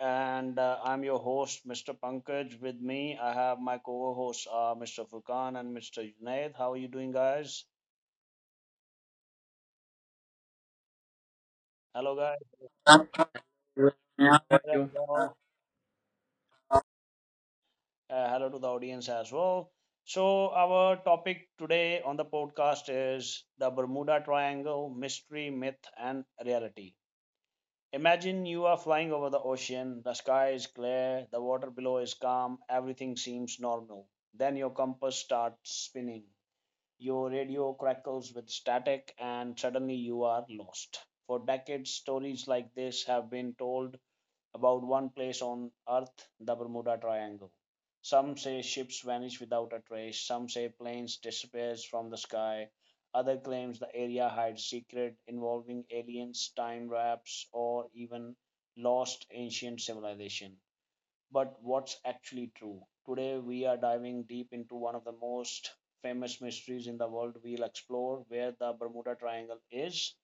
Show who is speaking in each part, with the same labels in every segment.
Speaker 1: And I'm your host, Mr. Pankaj. With me, I have my co hosts, Mr. Furkan and Mr. Junaid. How are you doing, guys? Hello, guys.
Speaker 2: You.
Speaker 1: Hello. Hello to the audience as well. So, our topic today on the podcast is the Bermuda Triangle mystery, myth, and reality. Imagine you are flying over the ocean, the sky is clear, the water below is calm, everything seems normal. Then your compass starts spinning. Your radio crackles with static, and suddenly you are lost. For decades, stories like this have been told about one place on Earth, the Bermuda Triangle. Some say ships vanish without a trace, some say planes disappear from the sky, other claims the area hides secrets involving aliens, time wraps, or even lost ancient civilization. But what's actually true? Today, we are diving deep into one of the most famous mysteries in the world. We'll explore where the Bermuda Triangle is,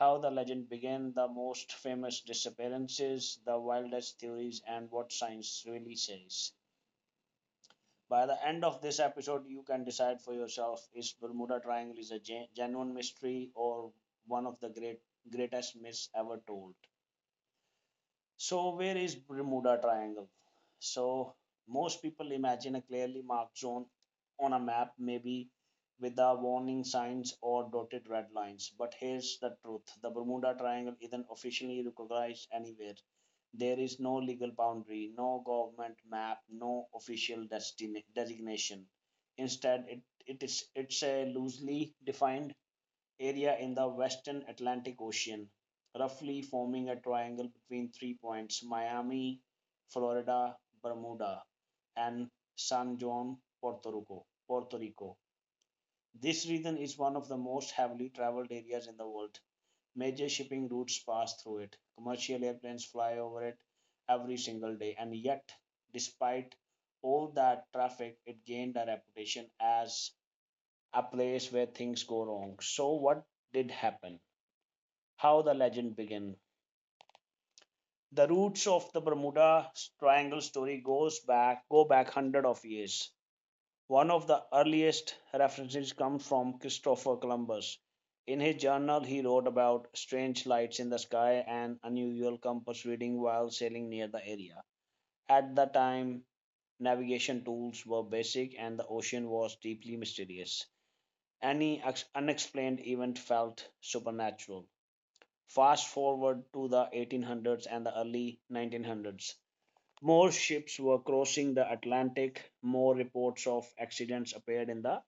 Speaker 1: how the legend began, the most famous disappearances, the wildest theories, and what science really says. By the end of this episode, you can decide for yourself, is Bermuda Triangle is a genuine mystery or one of the greatest myths ever told? So, where is Bermuda Triangle? So, most people imagine a clearly marked zone on a map, maybe with the warning signs or dotted red lines. But here's the truth, the Bermuda Triangle isn't officially recognized anywhere. There is no legal boundary, no government map, no official designation. Instead, it's a loosely defined area in the western Atlantic Ocean, roughly forming a triangle between 3 points, Miami, Florida, Bermuda, and San Juan, Puerto Rico. This region is one of the most heavily traveled areas in the world. Major shipping routes pass through it. Commercial airplanes fly over it every single day. And yet, despite all that traffic, it gained a reputation as a place where things go wrong. So, what did happen? How the legend began. The roots of the Bermuda Triangle story goes back go back hundred of years. One of the earliest references comes from Christopher Columbus. In his journal, he wrote about strange lights in the sky and unusual compass reading while sailing near the area. At the time, navigation tools were basic and the ocean was deeply mysterious. Any unexplained event felt supernatural. Fast forward to the 1800s and the early 1900s. More ships were crossing the Atlantic, more reports of accidents appeared in the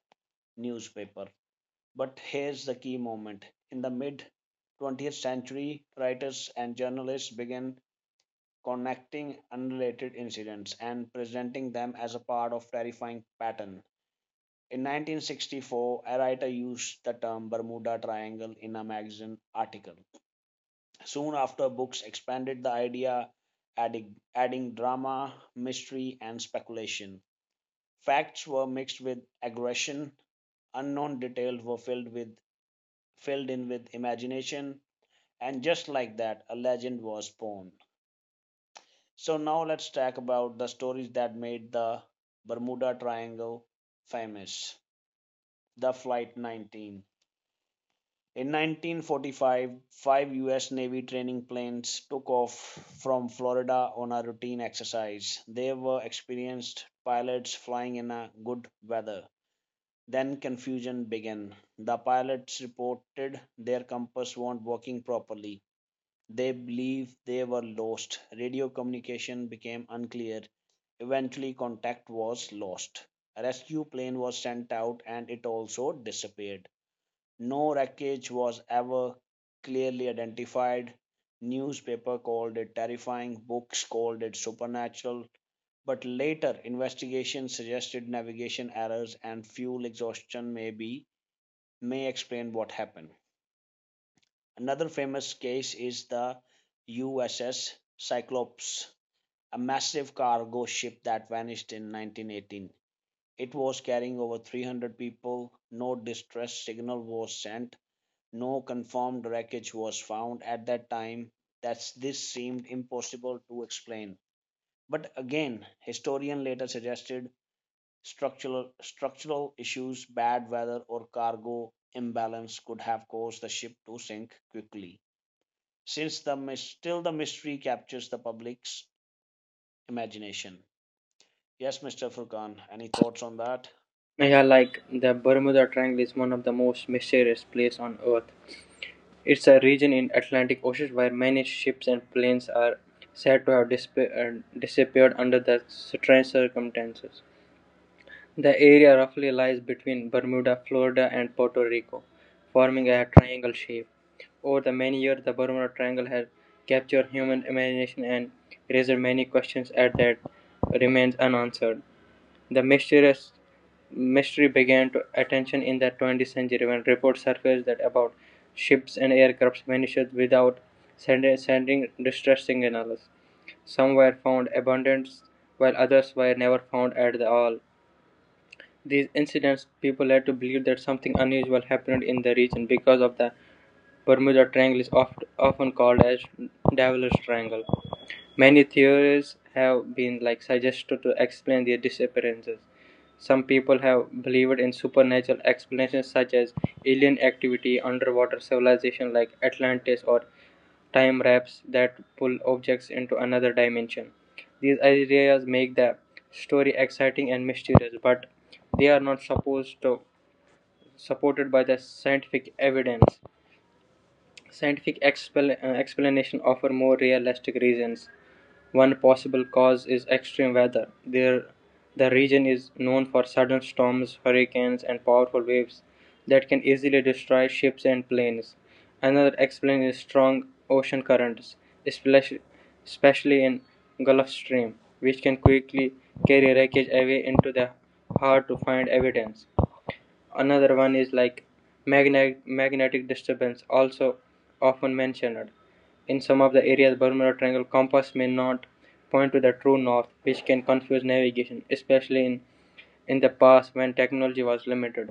Speaker 1: newspaper. But here's the key moment. In the mid 20th century, writers and journalists began connecting unrelated incidents and presenting them as a part of terrifying pattern. In 1964, a writer used the term Bermuda Triangle in a magazine article. Soon after, books expanded the idea, adding drama, mystery, and speculation. Facts were mixed with aggression, unknown details were filled in with imagination, and just like that, a legend was born. So now let's talk about the stories that made the Bermuda Triangle famous. The Flight 19. In 1945, five U.S. Navy training planes took off from Florida on a routine exercise. They were experienced pilots flying in a good weather. Then confusion began. The pilots reported their compass weren't working properly. They believed they were lost. Radio communication became unclear. Eventually, contact was lost. A rescue plane was sent out and it also disappeared. No wreckage was ever clearly identified. Newspaper called it terrifying, books called it supernatural, but later investigations suggested navigation errors and fuel exhaustion may explain what happened. Another famous case is the USS Cyclops, a massive cargo ship that vanished in 1918. It was carrying over 300 people. No distress signal was sent. No confirmed wreckage was found at that time. That's this seemed impossible to explain. But again, historian later suggested structural issues, bad weather, or cargo imbalance could have caused the ship to sink quickly. Since the still the mystery captures the public's imagination. Yes, Mr. Furkan, any thoughts on that?
Speaker 2: Yeah, like the Bermuda Triangle is one of the most mysterious places on Earth. It's a region in Atlantic Ocean where many ships and planes are said to have disappeared under the strange circumstances. The area roughly lies between Bermuda, Florida, and Puerto Rico, forming a triangle shape. Over the many years, the Bermuda Triangle has captured human imagination and raised many questions at that remains unanswered. The mysterious mystery began to attention in the 20th century when reports surfaced that about ships and aircrafts vanished without sending distress signals. Some were found abandoned, while others were never found at all. These incidents people led to believe that something unusual happened in the region because of the Bermuda Triangle is often called as Devil's Triangle. Many theories have been like suggested to explain their disappearances. Some people have believed in supernatural explanations such as alien activity, underwater civilization like Atlantis, or time wraps that pull objects into another dimension. These ideas make the story exciting and mysterious, but they are not supposed to supported by the scientific evidence. Scientific explanation offer more realistic reasons one possible cause is extreme weather. There, the region is known for sudden storms, hurricanes, and powerful waves that can easily destroy ships and planes. Another explanation is strong ocean currents, especially in Gulf Stream, which can quickly carry wreckage away into the hard to find evidence. Another one is like magnetic disturbance, also often mentioned. In some of the areas, Bermuda Triangle compass may not point to the true north, which can confuse navigation, especially in the past when technology was limited.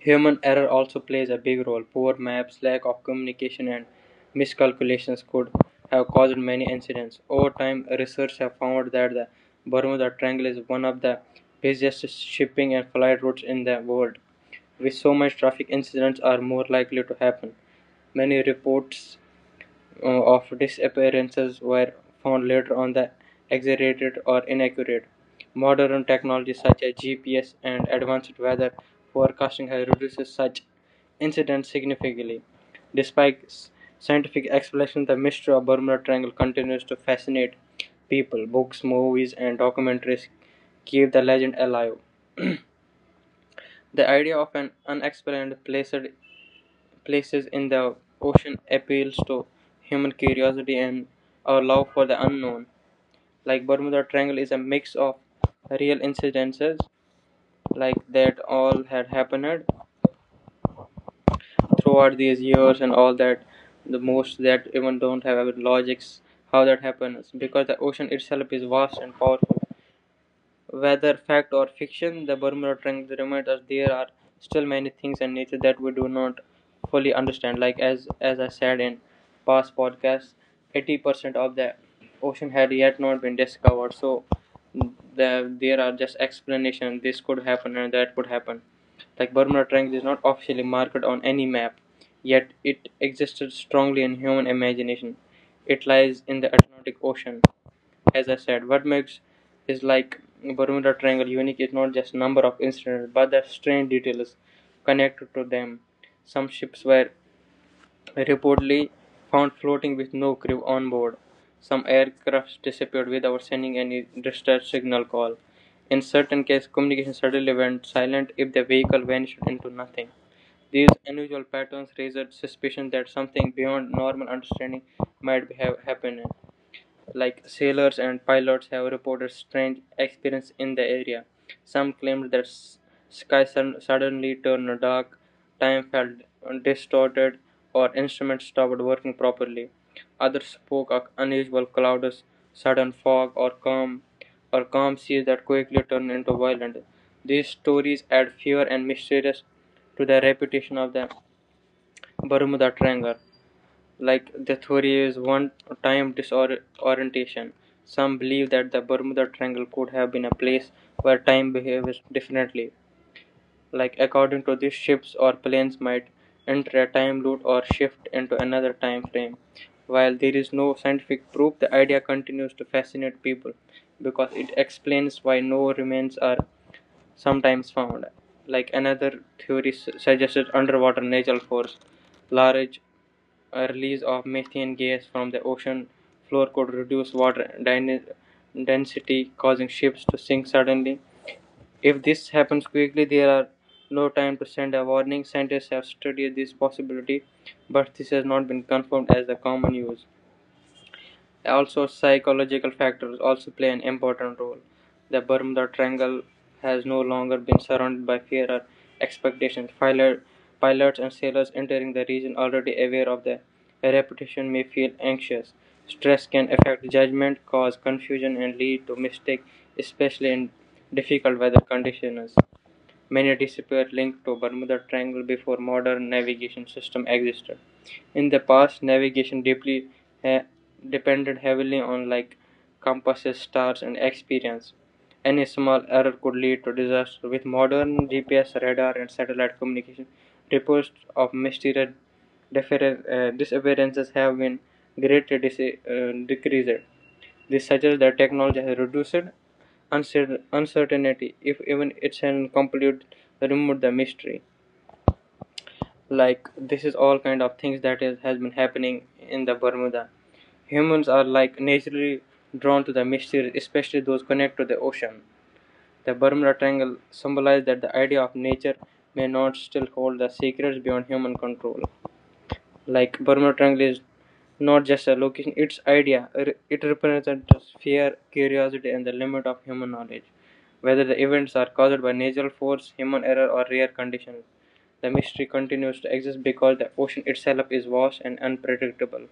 Speaker 2: Human error also plays a big role. Poor maps, lack of communication, and miscalculations could have caused many incidents. Over time, research have found that the Bermuda Triangle is one of the busiest shipping and flight routes in the world with so much traffic incidents are more likely to happen. Many reports of disappearances were found later on that exaggerated or inaccurate. Modern technology such as GPS and advanced weather forecasting has reduced such incidents significantly. Despite scientific explanation, the mystery of Bermuda Triangle continues to fascinate people. Books, movies, and documentaries keep the legend alive. The idea of an unexplained placed places in the ocean appeals to human curiosity and our love for the unknown. Like Bermuda Triangle is a mix of real incidences like that all had happened throughout these years and all that the most that even don't have logics how that happens because the ocean itself is vast and powerful. Whether fact or fiction, the Bermuda Triangle reminds us there are still many things in nature that we do not fully understand. Like as I said in past podcasts, 80% of the ocean had yet not been discovered. So there are just explanations. This could happen and that could happen. Like Bermuda Triangle is not officially marked on any map, yet it existed strongly in human imagination. It lies in the Atlantic Ocean, as I said, what makes is like Bermuda Triangle unique is not just number of incidents, but the strange details connected to them. Some ships were reportedly found floating with no crew on board. Some aircrafts disappeared without sending any distress signal call. In certain cases, communication suddenly went silent if the vehicle vanished into nothing. These unusual patterns raised suspicion that something beyond normal understanding might have happened like sailors and pilots have reported strange experiences in the area. Some claimed that sky suddenly turned dark, time felt distorted, or instruments stopped working properly. Others spoke of unusual clouds, sudden fog, or calm seas that quickly turned into violence. These stories add fear and mysterious to the reputation of the Bermuda Triangle. Like the theory is one time disorientation. Some believe that the Bermuda Triangle could have been a place where time behaves differently. Like according to this, ships or planes might enter a time loop or shift into another time frame. While there is no scientific proof, the idea continues to fascinate people because it explains why no remains are sometimes found. Like another theory suggested underwater natural force, large a release of methane gas from the ocean floor could reduce water density, causing ships to sink suddenly. If this happens quickly, there are no time to send a warning. Scientists have studied this possibility, but this has not been confirmed as the common use. Also, psychological factors also play an important role. The Bermuda Triangle has no longer been surrounded by fear or expectations. Pilots and sailors entering the region already aware of their reputation may feel anxious. Stress can affect judgment, cause confusion, and lead to mistakes, especially in difficult weather conditions. Many disappeared linked to Bermuda Triangle before modern navigation system existed. In the past, navigation eh, depended heavily on like compasses, stars, and experience. Any small error could lead to disaster. With modern GPS, radar, and satellite communication, reports of mysterious disappearances have been greatly decreased. This suggests that technology has reduced uncertainty, if even it's an complete remove the mystery. Like this is all kind of things that is, has been happening in the Bermuda. Humans are like naturally drawn to the mysteries, especially those connected to the ocean. The Bermuda Triangle symbolizes that the idea of nature may not still hold the secrets beyond human control like Bermuda Triangle is not just a location, it's idea. It represents the sphere, curiosity, and the limit of human knowledge. Whether the events are caused by natural force, human error, or rare conditions, the mystery continues to exist because the ocean itself is vast and unpredictable.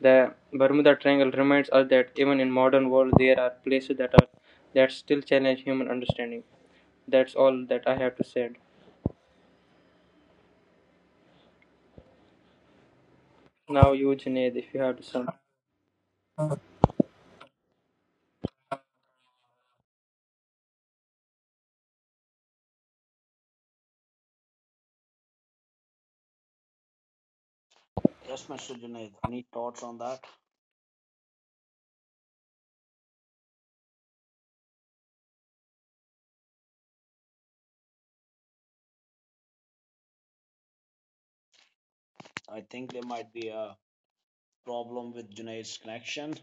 Speaker 2: The Bermuda Triangle reminds us that even in modern world, there are places that are that still challenge human understanding. That's all that I have to say. Now, you, Junaid, if you have to sum.
Speaker 1: Yes, Mr. Junaid, any thoughts on that? I think there might be a problem with Junaid's connection.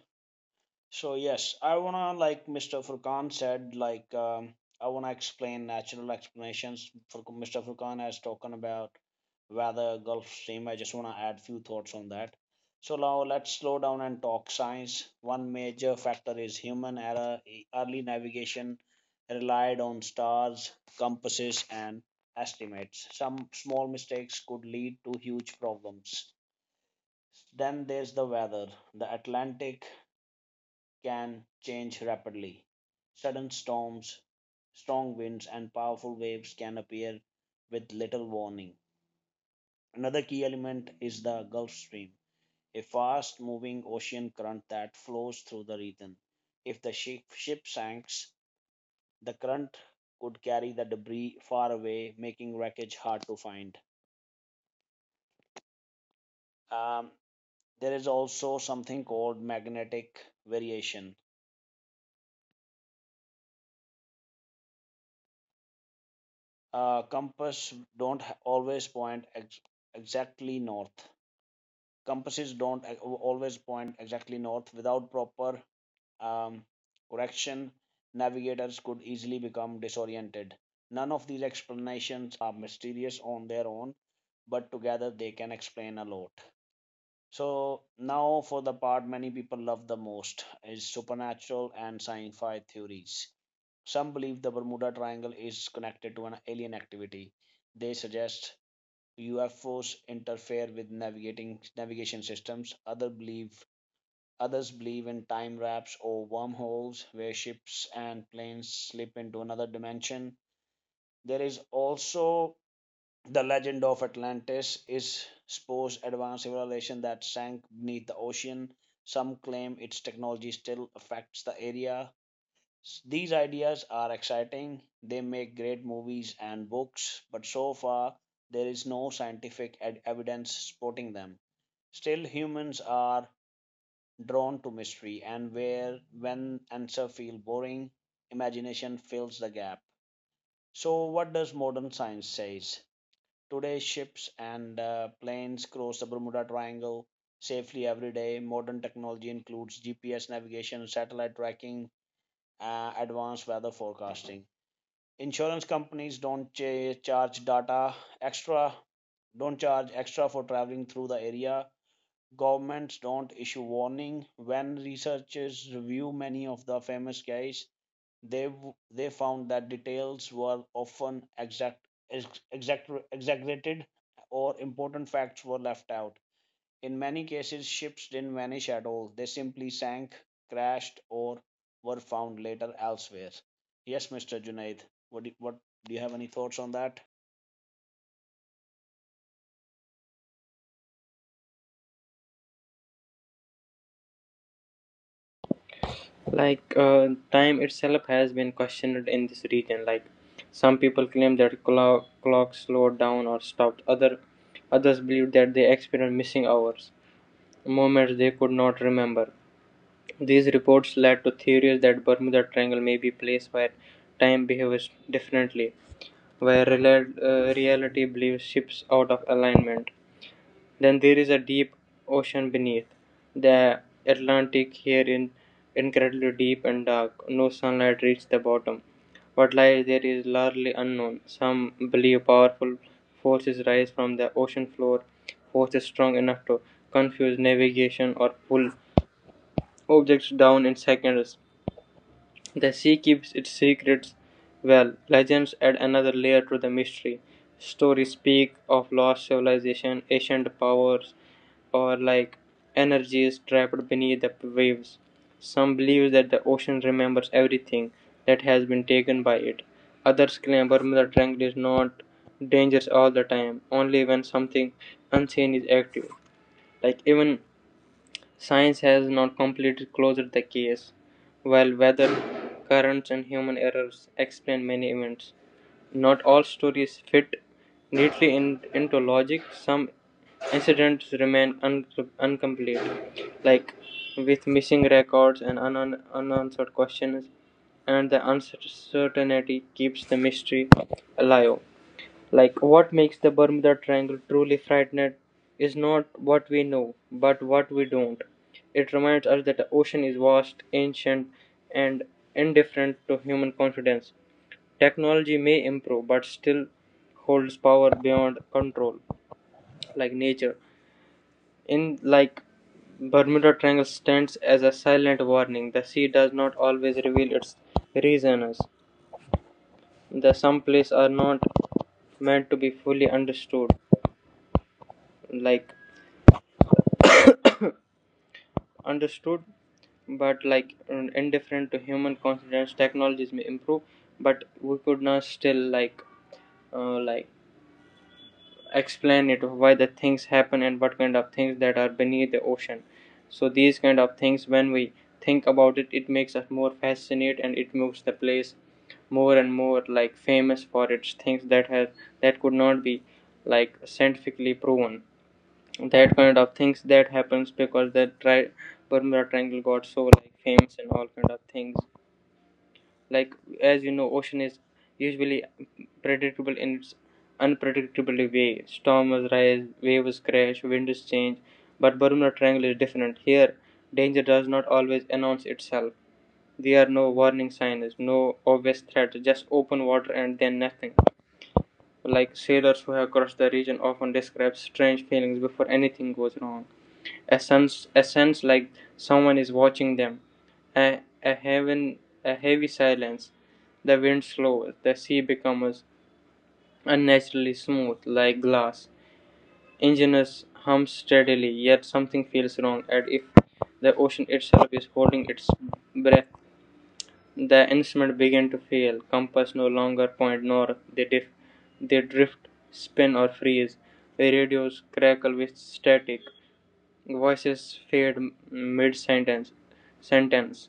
Speaker 1: So yes, I wanna like Mr. Furkan said, like I wanna explain natural explanations. For Mr. Furkan has talking about weather, Gulf Stream. I just wanna add few thoughts on that. So now let's slow down and talk science. One major factor is human error. Early navigation relied on stars, compasses, and estimates. Some small mistakes could lead to huge problems. Then there's the weather. The Atlantic can change rapidly. Sudden storms, strong winds, and powerful waves can appear with little warning. Another key element is the Gulf Stream, a fast moving ocean current that flows through the region. If the ship sinks, the current could carry the debris far away, making wreckage hard to find. Um, there is also something called magnetic variation. Compass don't always point exactly north. Compasses don't always point exactly north. Without proper um, correction, navigators could easily become disoriented. None of these explanations are mysterious on their own, but together they can explain a lot. So now for the part many people love the most is supernatural and sci-fi theories. Some believe the Bermuda Triangle is connected to an alien activity. They suggest UFOs interfere with navigating navigation systems. Others believe in time wraps or wormholes where ships and planes slip into another dimension. There is also the legend of Atlantis is supposed advanced civilization that sank beneath the ocean. Some claim its technology still affects the area. These ideas are exciting, they make great movies and books, but so far there is no scientific evidence supporting them. Still, humans are drawn to mystery, and where when answers feel boring, imagination fills the gap. So, what does modern science says? Today, ships and planes cross the Bermuda Triangle safely every day. Modern technology includes GPS navigation, satellite tracking, advanced weather forecasting. Insurance companies don't cha- charge data extra, don't charge extra for traveling through the area. Governments don't issue warning. When researchers review many of the famous cases, they found that details were often exaggerated or important facts were left out. In many cases, ships didn't vanish at all, they simply sank, crashed, or were found later elsewhere. Yes, Mr. Junaid, what do, what, do you have any thoughts on that?
Speaker 2: Like time itself has been questioned in this region. Like some people claim that clocks slowed down or stopped. Others believe that they experienced missing hours, moments they could not remember. These reports led to theories that Bermuda Triangle may be a place where time behaves differently, where reality believes ships out of alignment. Then there is a deep ocean beneath. The Atlantic here is incredibly deep and dark. No sunlight reaches the bottom. What lies there is largely unknown. Some believe powerful forces rise from the ocean floor, forces strong enough to confuse navigation or pull objects down in seconds. The sea keeps its secrets well. Legends add another layer to the mystery. Stories speak of lost civilization, ancient powers, or like energy is trapped beneath the waves. Some believe that the ocean remembers everything that has been taken by it. Others claim Bermuda Triangle is not dangerous all the time, only when something unseen is active. Like even science has not completely closed the case, while weather, currents, and human errors explain many events. Not all stories fit neatly into logic. Some incidents remain incomplete, like with missing records and unanswered questions, and the uncertainty keeps the mystery alive. Like what makes the Bermuda Triangle truly frightening is not what we know, but what we don't. It reminds us that the ocean is vast, ancient, and indifferent to human confidence. Technology may improve but still holds power beyond control, like nature. In like Bermuda Triangle stands as a silent warning. The sea does not always reveal its reasons. The some places are not meant to be fully understood, like understood, but like indifferent to human confidence. Technologies may improve, but we could not still uh, like explain it why the things happen and what kind of things that are beneath the ocean so these kind of things when we think about it it makes us more fascinated and it makes the place more and more like famous for its things that has that could not be like scientifically proven that kind of things that happens because the Bermuda Triangle got so like famous and all kind of things like as you know ocean is usually predictable in its unpredictable way storms rise waves crash winds change but Bermuda Triangle is different here danger does not always announce itself there are no warning signs no obvious threats just open water and then nothing like sailors who have crossed the region often describe strange feelings before anything goes wrong a sense like someone is watching them. A a heavy silence. The wind slows. The sea becomes unnaturally smooth, like glass. Engineers hum steadily, yet something feels wrong. And if the ocean itself is holding its breath, the instruments begin to fail. Compass no longer point north. They drift, spin or freeze. The Radios crackle with static. Voices fade mid sentence. Sentence.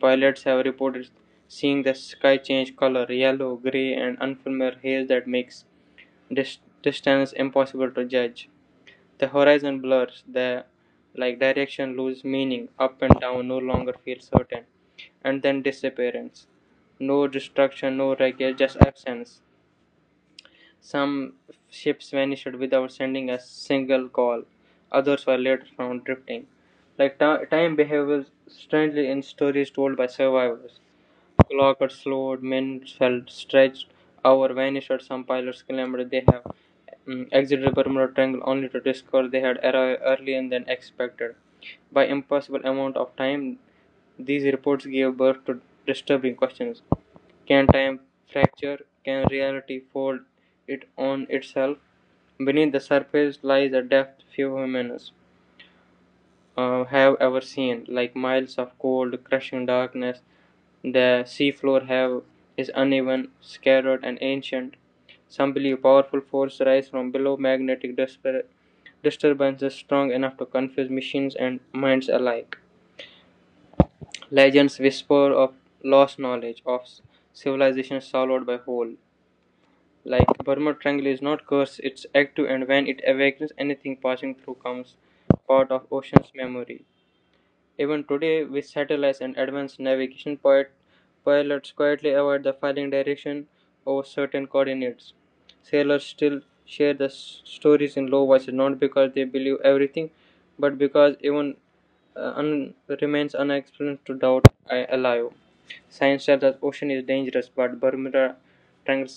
Speaker 2: Pilots have reported seeing the sky change color yellow, gray, and unfamiliar haze that makes distance impossible to judge. The horizon blurs, the like direction loses meaning, up and down no longer feel certain, and then disappearance. No destruction, no wreckage, just absence. Some ships vanished without sending a single call. Others were later found drifting. Like time behaves strangely in stories told by survivors. Clock had slowed, men felt stretched, hour vanished. Some pilots claimed they have exited Bermuda Triangle only to discover they had arrived earlier than expected. By impossible amount of time, these reports gave birth to disturbing questions. Can time fracture? Can reality fold it on itself? Beneath the surface lies a depth few humans have ever seen, like miles of cold, crushing darkness. The seafloor have is uneven, scattered, and ancient. Some believe powerful force rise from below magnetic disturbances strong enough to confuse machines and minds alike. Legends whisper of lost knowledge, of civilization swallowed by whole. Like Burma Triangle is not cursed, it's active and when it awakens anything passing through comes part of ocean's memory. Even today, with satellites and advanced navigation, pilots quietly avoid the filing direction over certain coordinates. Sailors still share the stories in low voices, not because they believe everything, but because even uh, un- remains unexplained to doubt I allow. Science tells us ocean is dangerous, but Bermuda Triangle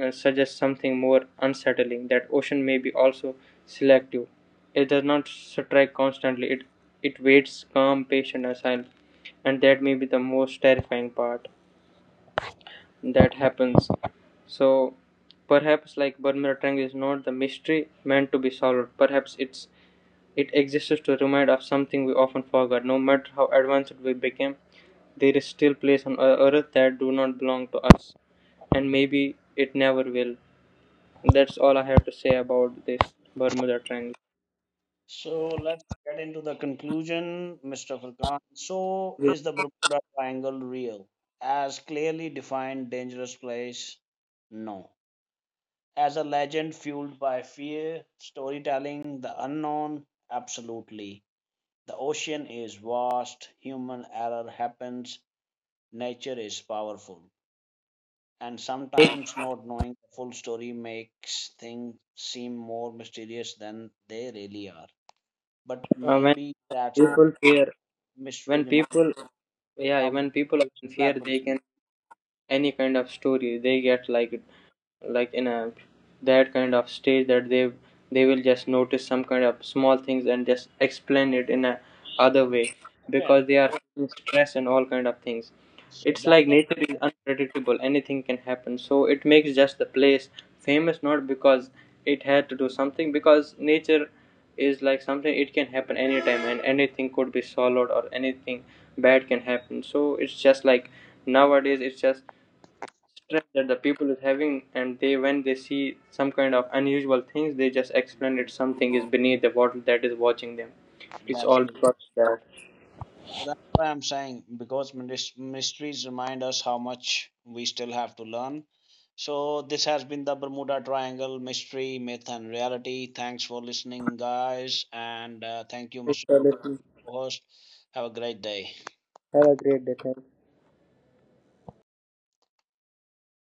Speaker 2: suggests something more unsettling that ocean may be also selective. It does not strike constantly. It waits calm, patient, and silent. And that may be the most terrifying part that happens. So perhaps like Bermuda Triangle is not the mystery meant to be solved. Perhaps it exists to remind us of something we often forget. No matter how advanced we became, there is still place on earth that do not belong to us. And maybe it never will. That's all I have to say about this Bermuda Triangle.
Speaker 1: So let's get into the conclusion, Mr. Farkan. So, is the Bermuda Triangle real? As clearly defined, dangerous place? No. As a legend fueled by fear, storytelling, the unknown? Absolutely. The ocean is vast, human error happens, nature is powerful and sometimes not knowing the full story makes things seem more mysterious than they really are. But
Speaker 2: Uh, when
Speaker 1: maybe that's
Speaker 2: people
Speaker 1: okay,
Speaker 2: fear
Speaker 1: mystery
Speaker 2: when people
Speaker 1: reminds
Speaker 2: yeah
Speaker 1: how much
Speaker 2: when people
Speaker 1: we
Speaker 2: are in fear
Speaker 1: slept on.
Speaker 2: they can any kind of story they get in a that kind of stage that they will just notice some kind of small things and just explain it in a other way
Speaker 1: Yeah
Speaker 2: because they are
Speaker 1: so
Speaker 2: feeling stress and all kind of things
Speaker 1: so
Speaker 2: it's
Speaker 1: that's
Speaker 2: like
Speaker 1: what-
Speaker 2: nature is unpredictable anything can happen so it makes just the place famous not because it had to do something because nature is like something it can happen anytime and anything could be swallowed or anything bad can happen so it's just like nowadays it's just stress that the people is having and they when they see some kind of unusual things they just explain it something is beneath the water that is watching them it's
Speaker 1: that's
Speaker 2: all
Speaker 1: the
Speaker 2: because of that.
Speaker 1: So that's why I'm saying, because mysteries remind us how much we still have to learn. So this has been the Bermuda Triangle mystery, myth, and reality. Thanks for listening, guys, and thank you, Mr.
Speaker 2: Okay,
Speaker 1: Prakash,
Speaker 2: listen.
Speaker 1: host. Have a great day.
Speaker 2: Have a great day. Thank you.